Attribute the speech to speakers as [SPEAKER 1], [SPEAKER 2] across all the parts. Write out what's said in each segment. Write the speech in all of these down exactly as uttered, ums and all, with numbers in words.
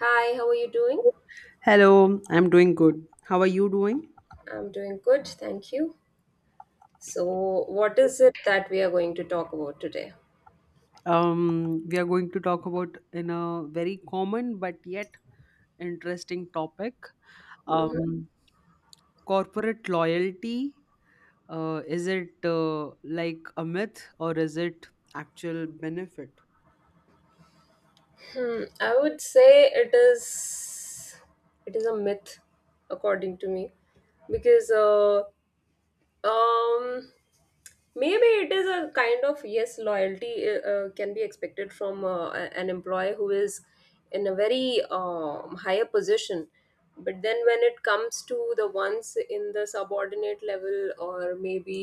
[SPEAKER 1] Hi, how are you doing?
[SPEAKER 2] Hello, I'm doing good. How are you doing?
[SPEAKER 1] I'm doing good, thank you. So, what is it that we are going to talk about today?
[SPEAKER 2] Um, we are going to talk about in a very common but yet interesting topic.
[SPEAKER 1] Mhm.
[SPEAKER 2] Um, Corporate loyalty. Uh, is it uh, like a myth or is it actual benefit?
[SPEAKER 1] Hmm, I would say it is it is a myth, according to me, because uh, Um, maybe it is a kind of yes, loyalty uh, uh, can be expected from uh, a- an employee who is in a very um, higher position. But then when it comes to the ones in the subordinate level, or maybe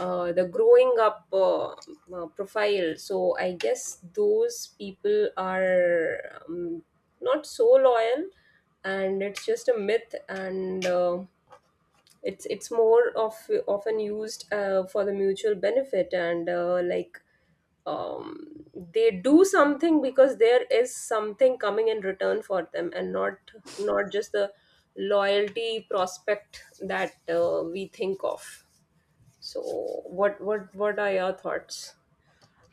[SPEAKER 1] uh, the growing up uh, uh, profile, so I guess those people are um, not so loyal, and it's just a myth, and uh, it's it's more of often used uh, for the mutual benefit, and uh, like um, they do something because there is something coming in return for them, and not not just the loyalty prospect that uh, we think of. So what what what are your thoughts?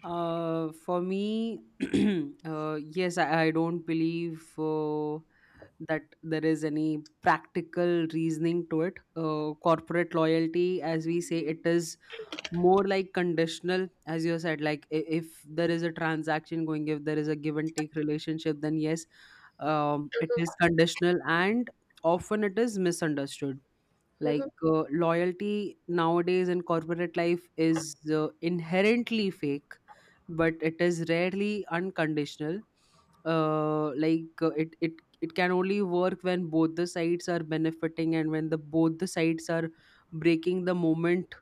[SPEAKER 2] Uh, for me, uh, yes, I, I don't believe. Uh, that there is any practical reasoning to it. Uh, corporate loyalty, as we say, it is more like conditional, as you said, like i- if there is a transaction going, if there is a give and take relationship, then yes, um, it is conditional and often it is misunderstood. Like
[SPEAKER 1] Mhm.
[SPEAKER 2] uh, loyalty nowadays in corporate life is uh, inherently fake, but it is rarely unconditional. Uh, like uh, it it it can only work when both the sides are benefiting and when the both the sides are breaking the moment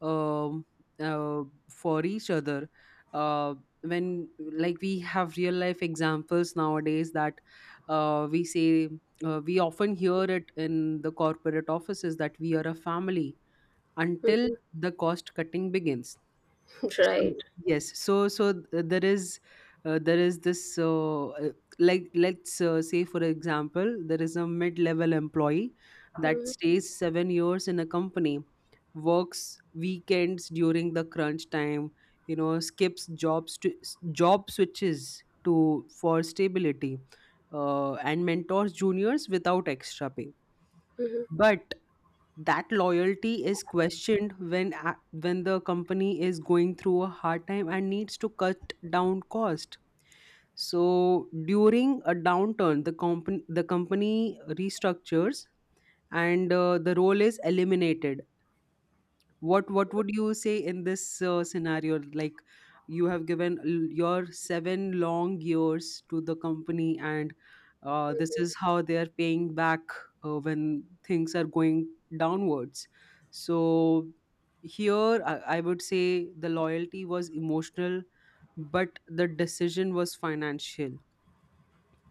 [SPEAKER 2] um, uh, for each other. Uh, when like we have real life examples nowadays that uh, we say, uh, we often hear it in the corporate offices that we are a family until
[SPEAKER 1] Mhm.
[SPEAKER 2] the cost cutting begins. So
[SPEAKER 1] Right.
[SPEAKER 2] yes, so so th- uh, there is uh, there is this uh, uh, like let's uh, say for example there is a mid-level employee that
[SPEAKER 1] Mhm.
[SPEAKER 2] stays seven years in a company, works weekends during the crunch time, you know, skips jobs to job switches to for stability, uh, and mentors juniors without extra pay.
[SPEAKER 1] Mhm.
[SPEAKER 2] But that loyalty is questioned when a- when the company is going through a hard time and needs to cut down cost. So during a downturn the company the company restructures and uh, the role is eliminated. What what would you say in this uh, scenario? Like you have given l- your seven long years to the company and uh, this is how they are paying back uh, when things are going downwards. So here I, I would say the loyalty was emotional but the decision was financial.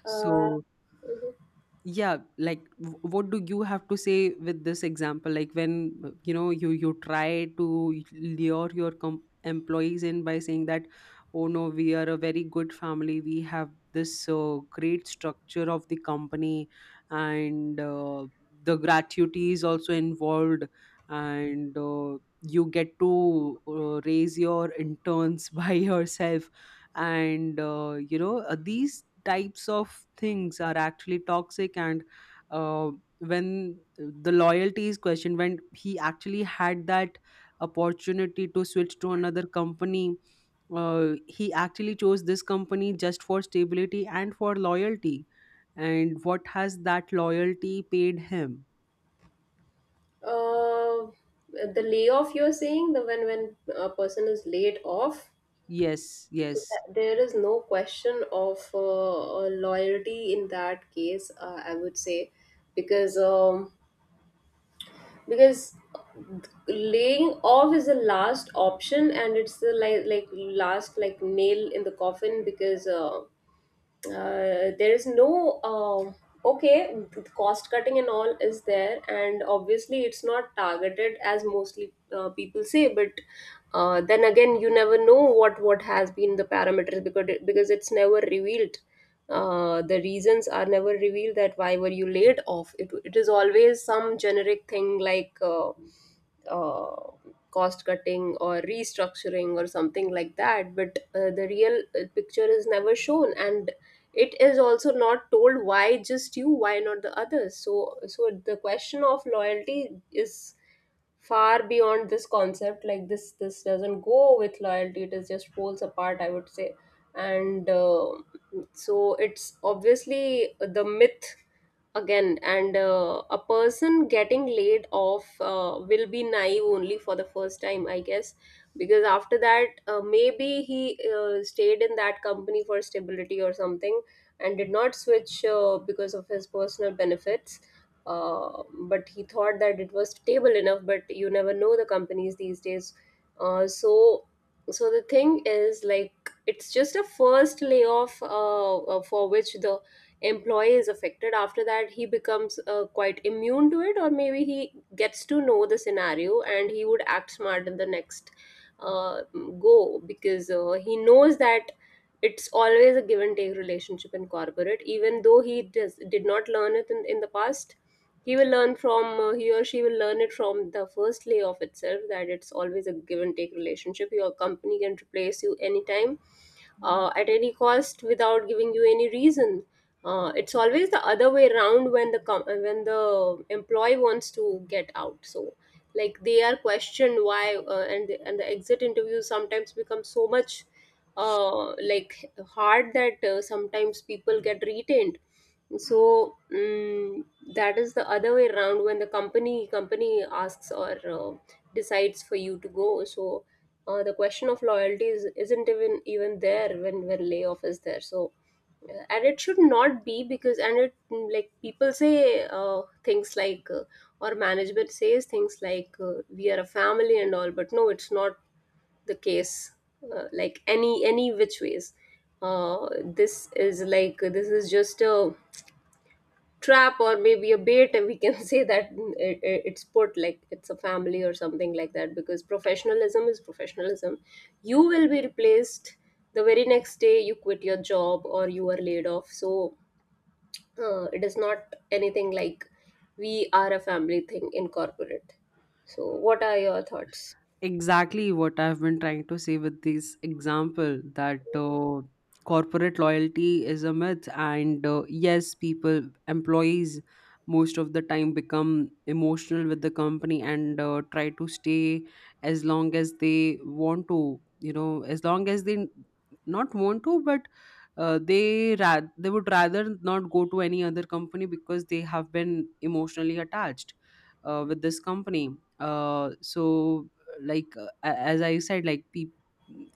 [SPEAKER 1] Uh,
[SPEAKER 2] So
[SPEAKER 1] mhm.
[SPEAKER 2] yeah, like w- what do you have to say with this example? Like when uh, you know, you you try to lure your com- employees in by saying that, oh no, we are a very good family, we have this uh, great structure of the company and uh, the gratuity is also involved and uh, you get to uh, raise your interns by yourself and uh, you know, uh, these types of things are actually toxic. And uh, when the loyalty is questioned, when he actually had that opportunity to switch to another company, uh, he actually chose this company just for stability and for loyalty. And what has that loyalty paid him?
[SPEAKER 1] Uh, the layoff you're saying, the when when a person is laid off,
[SPEAKER 2] Yes,
[SPEAKER 1] so
[SPEAKER 2] yes,
[SPEAKER 1] that- there is no question of uh, uh, loyalty in that case, uh, I would say, because um, because laying off is the last option, and it's the, like like last, like, nail in the coffin, because uh, uh, there is no, um, okay, cost cutting and all is there, and obviously it's not targeted, as mostly uh, people say. But uh, then again, you never know what what has been the parameters, because it, because it's never revealed. Uh, the reasons are never revealed, that why were you laid off. It, it is always some generic thing, like uh, uh, cost cutting, or restructuring, or something like that. But uh, the real uh, picture is never shown, and it is also not told why just you, why not the others. So so the question of loyalty is far beyond this concept. Like this this doesn't go with loyalty, it is just poles apart, I would say. And uh, so it's obviously the myth again. And uh, a person getting laid off uh, will be naive only for the first time, I guess, because after that uh, maybe he uh, stayed in that company for stability or something, and did not switch uh, because of his personal benefits. uh, but he thought that it was stable enough, but you never know the companies these days. Uh, so so the thing is, like, it's just a first layoff uh, uh, for which the employee is affected. After that he becomes uh, quite immune to it, or maybe he gets to know the scenario, and he would act smart in the next uh, go, because uh, he knows that it's always a give and take relationship in corporate. Even though he does, did not learn it in, in the past, he will learn from, uh, he or she will learn it from the first layoff itself, that it's always a give and take relationship. Your company can replace you anytime, uh, at any cost, without giving you any reason. Uh, it's always the other way around when the com- uh, when the employee wants to get out. So, like, they are questioned why, uh, and the, and the exit interviews sometimes become so much, uh, like, hard, that uh, sometimes people get retained. So, mm, that is the other way around, when the company company asks, or uh, decides for you to go. So uh, the question of loyalty is, isn't even even there when when layoff is there. So uh, and it should not be. Because and it, mm, like, people say uh, things like, uh, or management says things like, uh, we are a family and all, but no, it's not the case. Uh, like, any any which ways, uh, this is like, this is just a trap, or maybe a bait, and we can say that, mm, it, it- it's put like it's a family or something like that, because professionalism is professionalism. You will be replaced the very next day you quit your job, or you are laid off. So uh, it is not anything like we are a family thing in corporate. So what are your thoughts?
[SPEAKER 2] exactly what I've been trying to say with this example, that uh, corporate loyalty is a myth, and uh, yes, people, employees, most of the time become emotional with the company and uh, try to stay as long as they want to, you know, as long as they not want to, but uh, they ra- they would rather not go to any other company because they have been emotionally attached uh, with this company. Uh, so like uh, a- as I said, like peop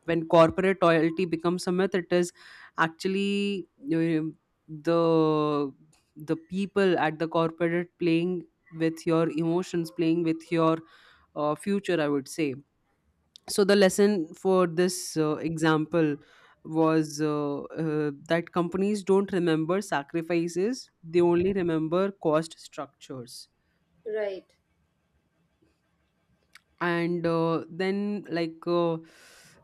[SPEAKER 2] when corporate loyalty becomes a myth, it is actually, um, the the people at the corporate playing with your emotions, playing with your uh, future, I would say. So the lesson for this uh, example was uh, uh, that companies don't remember sacrifices, they only remember cost structures.
[SPEAKER 1] Right.
[SPEAKER 2] And uh, then like uh,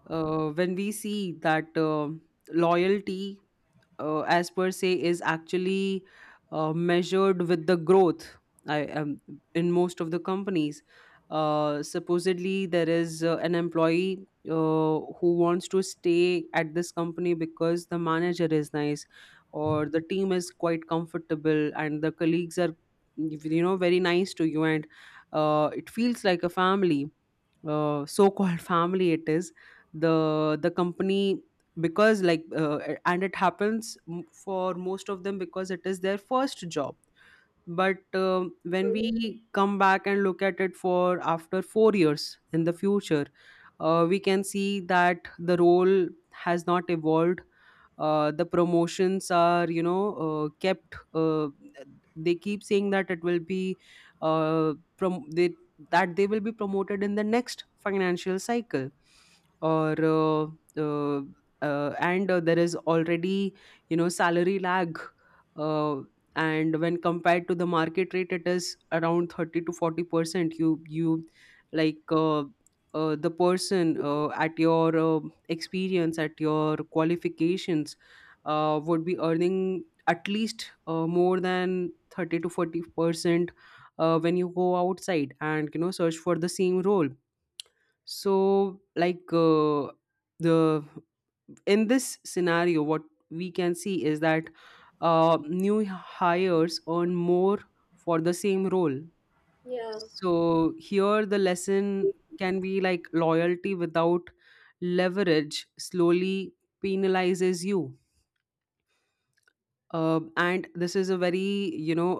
[SPEAKER 2] uh, when we see that uh, loyalty uh, as per se is actually uh, measured with the growth. I am, in most of the companies, uh, supposedly there is uh, an employee uh, who wants to stay at this company because the manager is nice or the team is quite comfortable and the colleagues are, you know, very nice to you, and uh, it feels like a family, uh, so-called family it is, the the company. Because like uh, and it happens m- for most of them because it is their first job. But um, when
[SPEAKER 1] Mhm.
[SPEAKER 2] we come back and look at it for after four years in the future, uh, we can see that the role has not evolved, uh, the promotions are, you know, uh, kept, uh, they keep saying that it will be uh, prom- they, that they will be promoted in the next financial cycle or uh, uh, uh, and uh, there is already, you know, salary lag, uh, and when compared to the market rate it is around thirty to forty percent. You you like uh, uh, the person uh, at your uh, experience, at your qualifications uh, would be earning at least uh, more than thirty to forty percent uh, when you go outside and you know search for the same role. So like uh, the in this scenario, what we can see is that uh, new hires earn more for the same role.
[SPEAKER 1] Yeah.
[SPEAKER 2] So here the lesson can be like, loyalty without leverage slowly penalizes you. Uh, and this is a very, you know,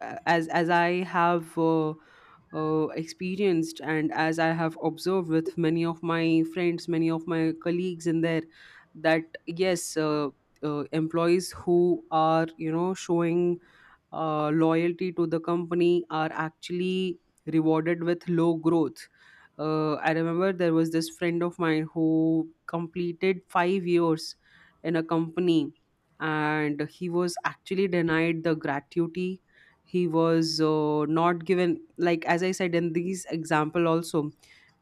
[SPEAKER 2] uh, as as i have uh, uh, experienced and as I have observed with many of my friends, many of my colleagues in there, that yes, uh, uh, employees who are, you know, showing uh, loyalty to the company are actually rewarded with low growth. uh, I remember there was this friend of mine who completed five years in a company and he was actually denied the gratuity. He was uh, not given, like as I said in these example also,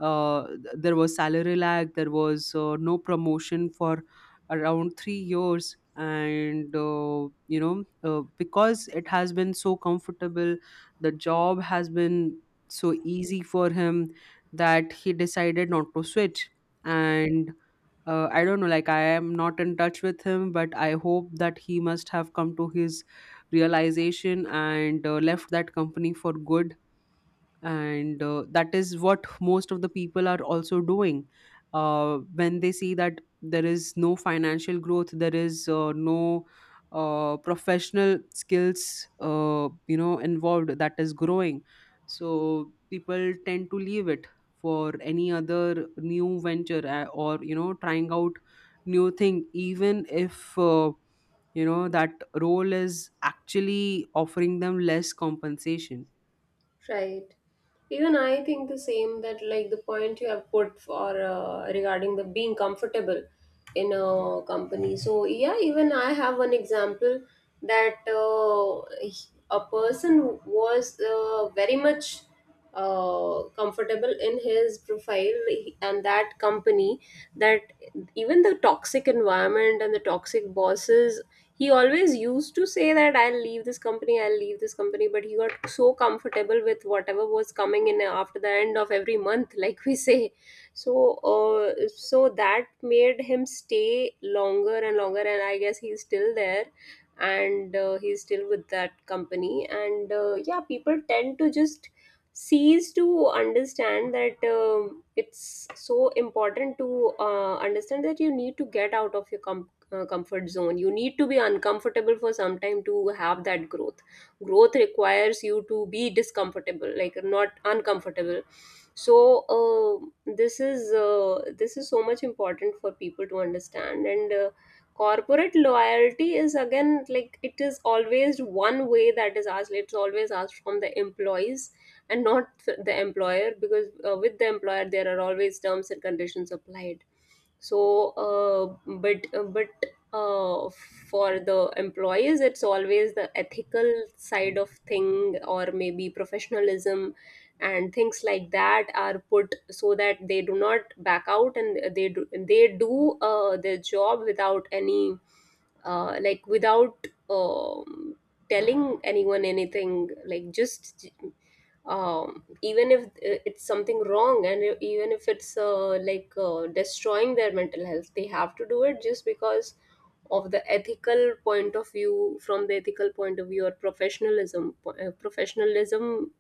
[SPEAKER 2] uh, th- there was salary lag, there was uh, no promotion for around three years. And uh, you know, uh, because it has been so comfortable, the job has been so easy for him that he decided not to switch. And uh, I don't know, like I am not in touch with him, but I hope that he must have come to his realization and uh, left that company for good. And uh, that is what most of the people are also doing uh, when they see that there is no financial growth, there is uh, no uh, professional skills, uh, you know, involved that is growing. So people tend to leave it for any other new venture, uh, or, you know, trying out new thing, even if uh, you know that role is actually offering them less compensation.
[SPEAKER 1] Right. Even I think the same, that like the point you have put for uh, regarding the being comfortable in a company. So yeah, even I have one example, that uh, a person was uh, very much uh, comfortable in his profile and that company, that even the toxic environment and the toxic bosses, he always used to say that I'll leave this company, I'll leave this company, but he got so comfortable with whatever was coming in after the end of every month, like we say. So uh, so that made him stay longer and longer, and I guess he's still there, and uh, he's still with that company. And uh, yeah, people tend to just sees to understand that, um, it's so important to uh, understand that you need to get out of your com- uh, comfort zone. You need to be uncomfortable for some time to have that growth. Growth requires you to be discomfortable, like, not uncomfortable. So uh, this is uh, this is so much important for people to understand. And uh, corporate loyalty is, again, like, it is always one way that is asked. It's always asked from the employees, and not the employer, because uh, with the employer there are always terms and conditions applied. So uh, but uh, but uh, for the employees it's always the ethical side of thing, or maybe professionalism, and things like that are put so that they do not back out, and they do they do uh, their job without any, uh, like, without, um, telling anyone anything, like, just, um, even if uh, it's something wrong, and e- even if it's uh, like uh, destroying their mental health, they have to do it, just because of the ethical point of view, from the ethical point of view, or professionalism, po- uh, professionalism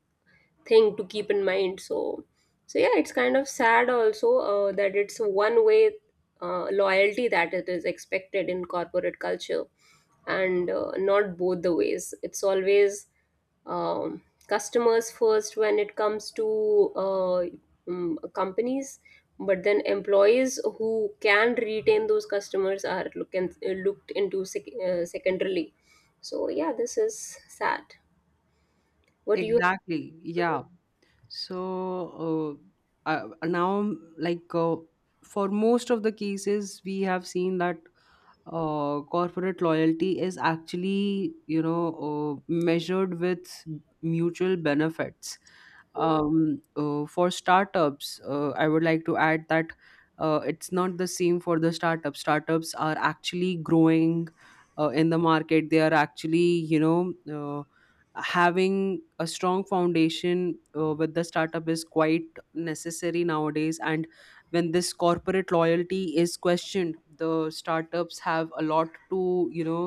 [SPEAKER 1] thing to keep in mind. So so yeah, it's kind of sad also, uh, that it's one way uh, loyalty that it is expected in corporate culture, and uh, not both the ways. It's always, um, customers first when it comes to uh, mm, companies, but then employees who can retain those customers are look, and, uh, looked into, sec- uh, secondarily. So yeah, this is sad. What do you—
[SPEAKER 2] Exactly. Yeah. So uh, uh, now, like uh, for most of the cases, we have seen that uh, corporate loyalty is actually, you know, uh, measured with mutual benefits. Um, uh, for startups, uh, I would like to add that uh, it's not the same for the startups. Startups are actually growing uh, in the market. They are actually, you know. Uh, having a strong foundation uh, with the startup is quite necessary nowadays. And when this corporate loyalty is questioned, the startups have a lot to, you know,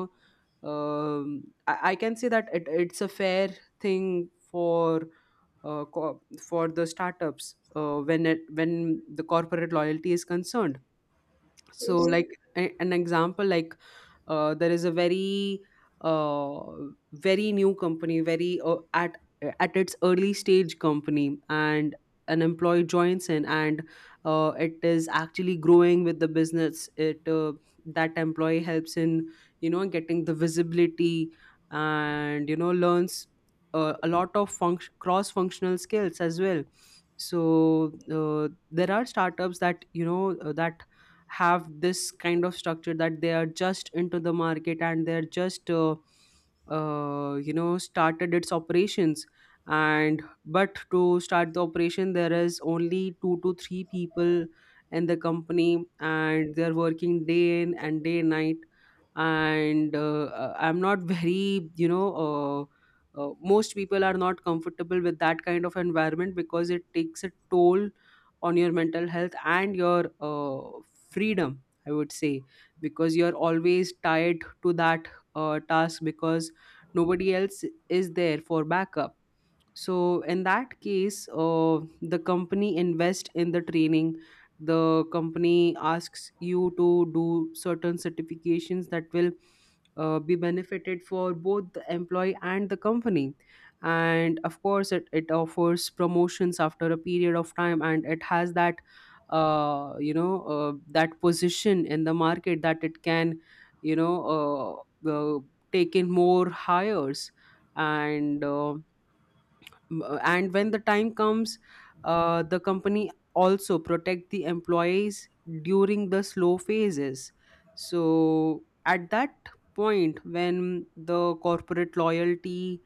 [SPEAKER 2] um, I, I can say that it, it's a fair thing for uh, co- for the startups uh, when it, when the corporate loyalty is concerned. So
[SPEAKER 1] Mhm.
[SPEAKER 2] like a- an example, like uh, there is a very uh, very new company, very uh, at at its early stage company, and an employee joins in and uh, it is actually growing with the business. It uh, That employee helps in, you know, getting the visibility and you know learns uh, a lot of func- cross functional skills as well. So uh, there are startups that, you know, uh, that have this kind of structure, that they are just into the market and they're just uh, uh, you know, started its operations. And but to start the operation there is only two to three people in the company, and they're working day in and day night. And uh, uh, I'm not very, you know, uh, uh, most people are not comfortable with that kind of environment because it takes a toll on your mental health and your uh, freedom, I would say, because you're always tied to that uh, task because nobody else is there for backup. So in that case uh, the company invest in the training, the company asks you to do certain certifications that will uh, be benefited for both the employee and the company. And of course it, it offers promotions after a period of time, and it has that uh, you know, uh, that position in the market that it can, you know, uh, uh, take in more hires. And uh, M- uh, and when the time comes, uh, the company also protect the employees during the slow phases. So at that point when the corporate loyalty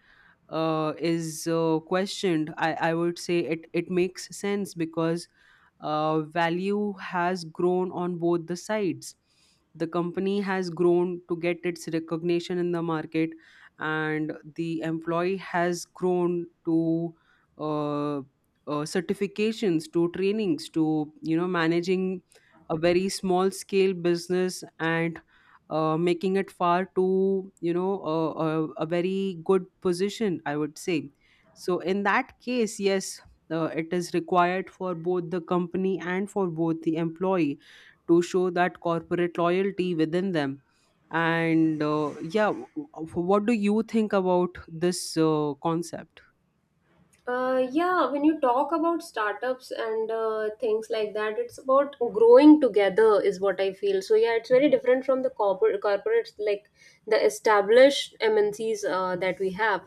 [SPEAKER 2] uh, is uh, questioned, I, I would say it, it makes sense because uh, value has grown on both the sides. The company has grown to get its recognition in the market, and the employee has grown to uh, uh, certifications, to trainings, to you know managing a very small scale business and uh, making it far too you know uh, a, a very good position I would say. So in that case, yes, uh, it is required for both the company and for both the employee to show that corporate loyalty within them. And uh, yeah, w- w- what do you think about this uh, concept?
[SPEAKER 1] Uh, yeah, when you talk about startups and uh, things like that, it's about growing together, is what I feel. So yeah, it's very different from the corporate corporates, like the established M N Cs uh, that we have.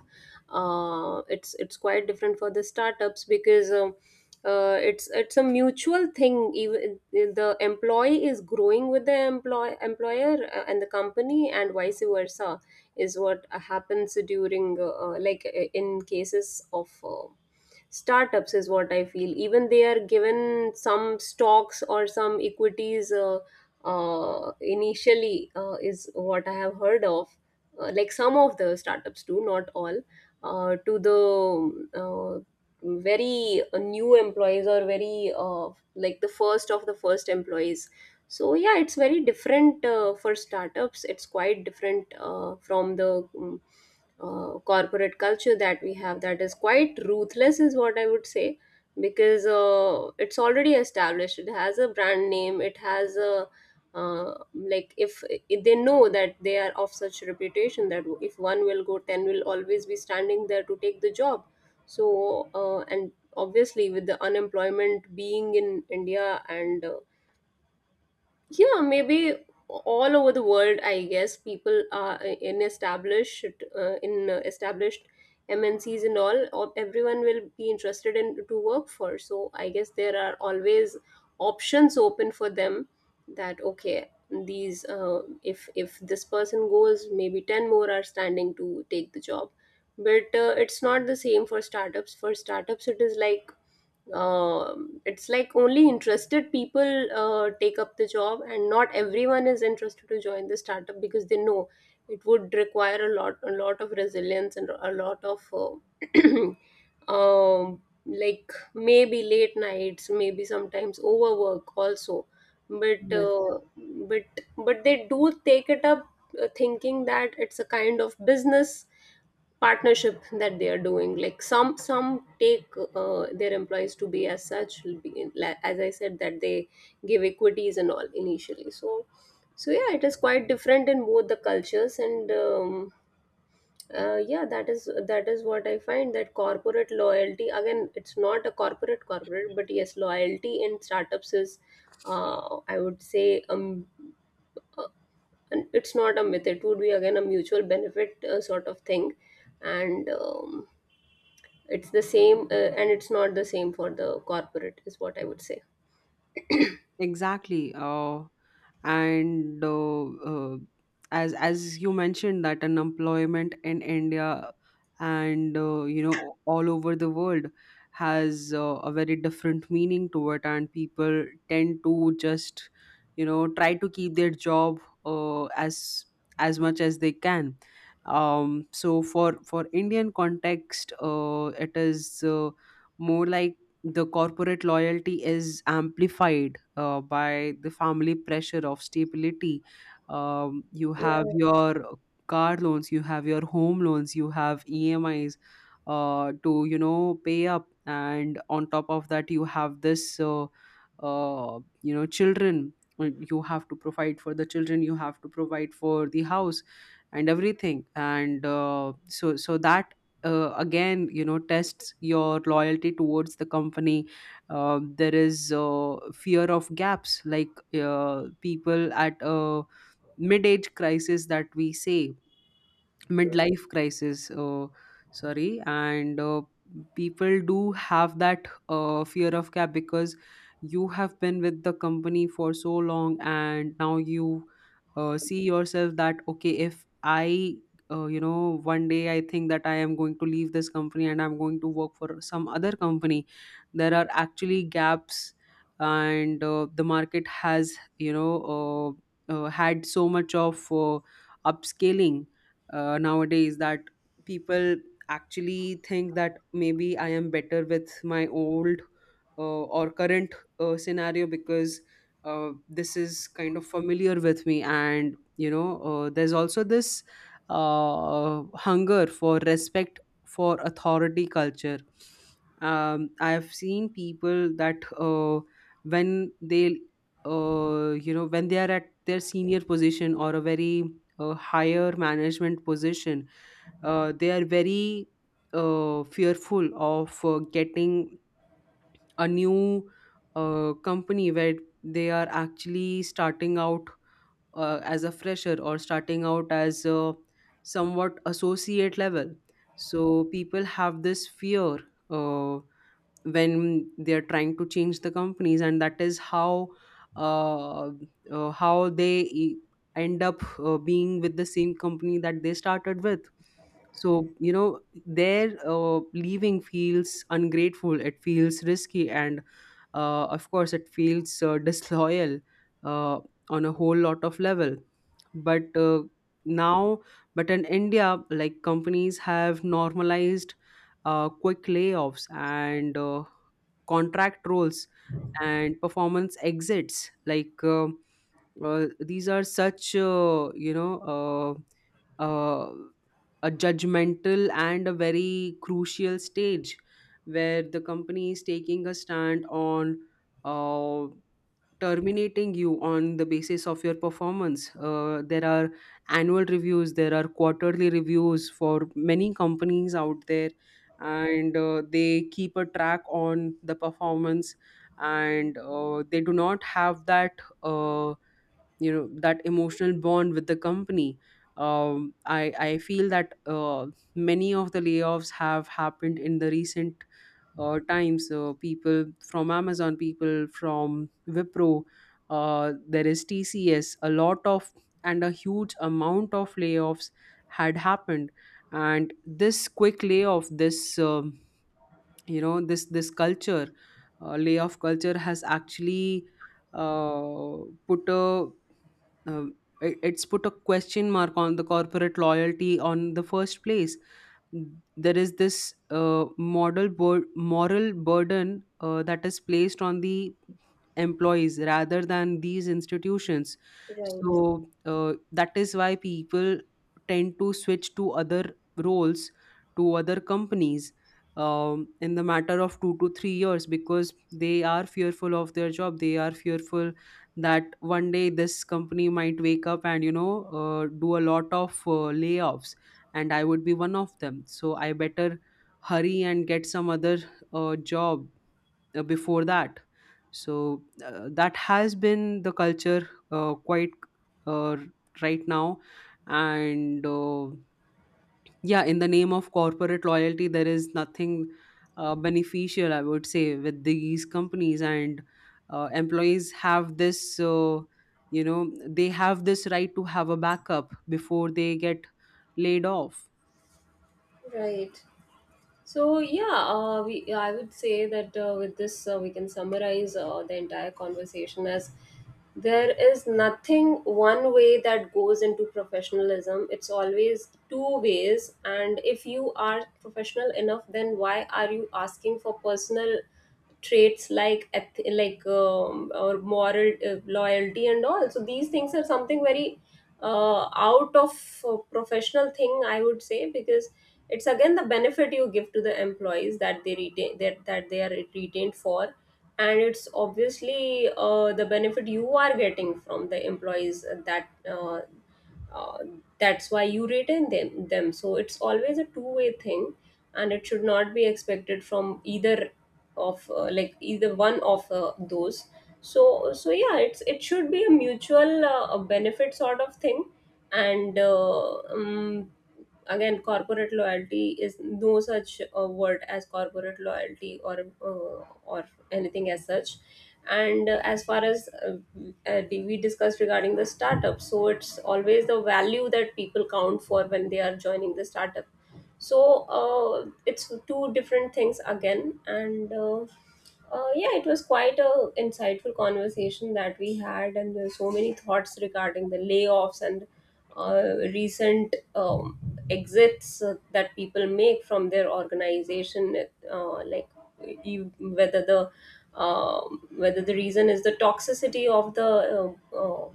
[SPEAKER 1] Uh, it's it's quite different for the startups, because um, uh, it's it's a mutual thing. Even the employee is growing with the employ employer, uh, and the company, and vice versa, is what happens during uh, uh, like, uh, in cases of uh, startups, is what I feel. Even they are given some stocks, or some equities, uh, uh, initially, uh, is what I have heard of. Uh, like, some of the startups do not all, uh, to the uh, very uh, new employees, or very, uh, like, the first of the first employees. So yeah, it's very different uh, for startups. It's quite different uh, from the mm, uh, corporate culture that we have, that is quite ruthless, is what I would say. Because uh, it's already established, it has a brand name, it has a, uh, like, if, if they know that they are of such reputation that if one will go, ten will always be standing there to take the job. So uh, and obviously with the unemployment being in India, and uh, yeah, maybe all over the world, I guess, people are uh, in established, uh, in uh, established MNCs and all, or everyone will be interested in to work for, so I guess there are always options open for them, that okay, these, uh, if if this person goes, maybe ten more are standing to take the job. But uh, it's not the same for startups. For startups it is like, um, it's like only interested people uh, take up the job, and not everyone is interested to join the startup, because they know it would require a lot, a lot of resilience, and a lot of, uh, um, like, maybe late nights, maybe sometimes overwork also. But
[SPEAKER 2] Yes.
[SPEAKER 1] uh, but but they do take it up, uh, thinking that it's a kind of business partnership that they are doing. Like, some some take uh, their employees to be as such, be- like- as I said, that they give equities and all initially. So so yeah, it is quite different in both the cultures. And um, uh, yeah, that is that is what I find, that corporate loyalty again, it's not a corporate corporate, but yes, loyalty in startups is, uh, I would say, um uh, it's not a myth, it would be, again, a mutual benefit uh, sort of thing, and um, it's the same, uh, and it's not the same for the corporate, is what I would say.
[SPEAKER 2] Exactly. Uh, and uh, uh, as as you mentioned that unemployment in India and uh, you know all over the world has uh, a very different meaning to it, and people tend to just you know try to keep their job uh, as as much as they can. Um, so for for Indian context, uh, it is uh, more like the corporate loyalty is amplified uh, by the family pressure of stability. Um, you have
[SPEAKER 1] Yeah,
[SPEAKER 2] your car loans, you have your home loans, you have E M Is uh, to you know pay up, and on top of that, you have this uh, uh, you know children. uh, You have to provide for the children. You have to provide for the house and everything. And uh, so so that uh, again you know tests your loyalty towards the company. Uh, there is uh, fear of gaps. Like, uh, people at a mid-age crisis that we say, midlife crisis, uh, sorry. And uh, people do have that uh, fear of cap because you have been with the company for so long, and now you uh, see yourself that, okay, if I uh, you know one day I think that I am going to leave this company and I'm going to work for some other company, there are actually gaps. And uh, the market has you know uh, uh, had so much of uh, upscaling uh, nowadays that people actually think that maybe I am better with my old uh, or current uh, scenario because uh, this is kind of familiar with me. And, you know, uh, there's also this uh, hunger for respect for authority culture. Um, I've seen people that uh, when they, uh, you know, when they are at their senior position or a very a higher management position, uh, they are very uh, fearful of uh, getting a new uh, company where they are actually starting out uh, as a fresher or starting out as a somewhat associate level. So people have this fear. Uh, when they are trying to change the companies, and that is how uh, uh, how they e- end up uh, being with the same company that they started with. So you know their uh, leaving feels ungrateful, it feels risky, and uh, of course it feels uh, disloyal uh, on a whole lot of level. But uh, now but in India, like, companies have normalized uh, quick layoffs and uh, contract roles and performance exits. Like um uh, these are such uh, you know uh, uh, a judgmental and a very crucial stage where the company is taking a stand on uh, terminating you on the basis of your performance. Uh, there are annual reviews, there are quarterly reviews for many companies out there, and uh, they keep a track on the performance, and uh, they do not have that. Uh, you know that emotional bond with the company. Um, I, I feel that uh, many of the layoffs have happened in the recent uh, times. Uh, people from Amazon, people from Wipro, uh, there is TCS, a lot of and a huge amount of layoffs had happened. And this quick layoff, this um, you know this this culture, uh, layoff culture, has actually uh, put a um, it, it's put a question mark on the corporate loyalty on the first place. There is this uh, model bur- moral burden uh, that is placed on the employees rather than these institutions.
[SPEAKER 1] right,
[SPEAKER 2] So uh, that is why people tend to switch to other roles, to other companies, um, in the matter of two to three years, because they are fearful of their job, they are fearful that one day this company might wake up and you know uh, do a lot of uh, layoffs, and I would be one of them. So I better hurry and get some other uh, job uh, before that. So uh, that has been the culture uh, quite uh, right now. And uh, yeah, in the name of corporate loyalty, there is nothing uh, beneficial, I would say, with these companies. And uh, employees have this, uh, you know, they have this right to have a backup before they get laid off.
[SPEAKER 1] right. So yeah, uh, we I would say that uh, with this uh, we can summarize uh, the entire conversation as, there is nothing one way that goes into professionalism. It's always two ways. And if you are professional enough, then why are you asking for personal traits like eth- like, um, or moral, uh, loyalty and all. So these things are something very uh, out of uh, professional thing, I would say, because it's again the benefit you give to the employees that they retain that, that they are retained for. And it's obviously uh, the benefit you are getting from the employees, that uh, uh, that's why you rate in them them. So it's always a two way thing, and it should not be expected from either of, uh, like, either one of uh, those. So so yeah, it's it should be a mutual uh, benefit sort of thing. And uh, um, again, corporate loyalty is no such a word as corporate loyalty, or uh, or anything as such. And uh, as far as uh, uh, we discussed regarding the startup, so it's always the value that people count for when they are joining the startup. So uh, it's two different things again. And uh, uh, yeah, it was quite a insightful conversation that we had, and there's so many thoughts regarding the layoffs and uh, recent um, exits, uh, that people make from their organization. Uh, like, you, whether the um whether the reason is the toxicity of the uh, uh,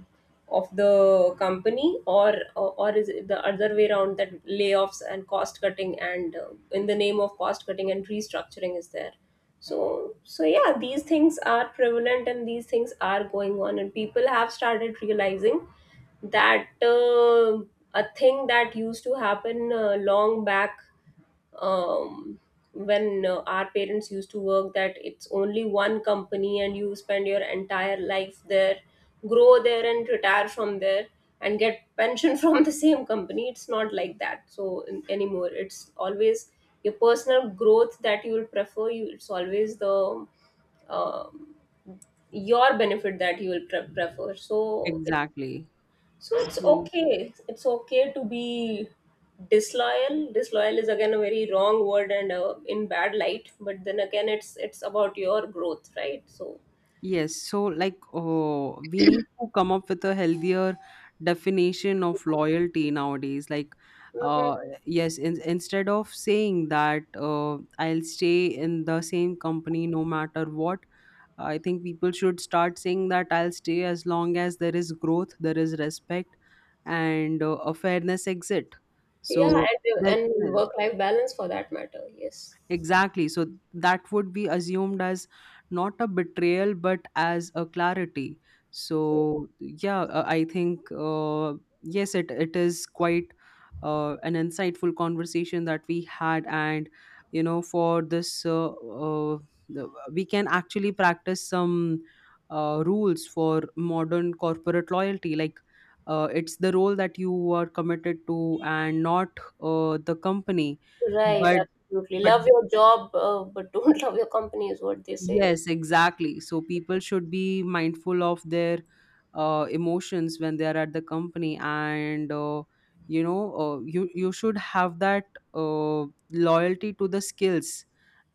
[SPEAKER 1] of the company, or or is it the other way around, that layoffs and cost cutting, and, uh, in the name of cost cutting and restructuring, is there. So so yeah, these things are prevalent, and these things are going on, and people have started realizing that, uh, a thing that used to happen uh, long back, um, when uh, our parents used to work, that it's only one company and you spend your entire life there, grow there, and retire from there, and get pension from the same company. It's not like that, so, in, anymore it's always your personal growth that you will prefer. You, it's always the um your benefit that you will pre- prefer. So it,
[SPEAKER 2] Exactly.
[SPEAKER 1] so it's
[SPEAKER 2] So,
[SPEAKER 1] okay, it's okay to be disloyal. Disloyal is again a very wrong word, and uh, in bad light. But then again, it's it's about your growth, right? So,
[SPEAKER 2] yes, so like, oh, we need to come up with a healthier definition of loyalty nowadays. Like,
[SPEAKER 1] hmm,
[SPEAKER 2] uh, yes, in, instead of saying that uh, I'll stay in the same company no matter what, I think people should start saying that I'll stay as long as there is growth, there is respect, and uh, a fairness exit.
[SPEAKER 1] yeah,
[SPEAKER 2] So
[SPEAKER 1] and
[SPEAKER 2] that
[SPEAKER 1] and work life balance for that matter. Yes,
[SPEAKER 2] Exactly. So that would be assumed as not a betrayal, but as a clarity. So yeah, uh, I think uh, yes, it it is quite uh, an insightful conversation that we had, and you know, for this uh, uh, the- we can actually practice some uh, rules for modern corporate loyalty, like. Uh, it's the role that you are committed to, and not uh, the company.
[SPEAKER 1] right,
[SPEAKER 2] But
[SPEAKER 1] absolutely.
[SPEAKER 2] but
[SPEAKER 1] Love your job, uh, but don't love your company, is what they say.
[SPEAKER 2] Yes, exactly. So people should be mindful of their uh, emotions when they are at the company, and uh, you know, uh, you you should have that uh, loyalty to the skills,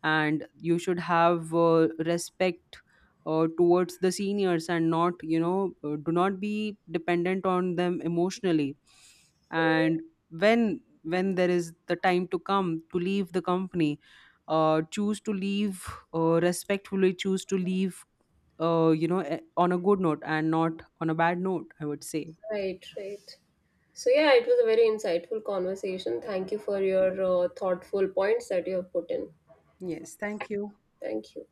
[SPEAKER 2] and you should have uh, respect uh, towards the seniors and not you know uh, do not be dependent on them emotionally. And
[SPEAKER 1] Mhm.
[SPEAKER 2] when when there is the time to come to leave the company, uh, choose to leave, uh, respectfully choose to leave, uh, you know eh, on a good note and not on a bad note, I would say.
[SPEAKER 1] Right, right. So yeah, it was a very insightful conversation. Thank you for your uh, thoughtful points that you have put in.
[SPEAKER 2] Yes, thank you.
[SPEAKER 1] Thank you.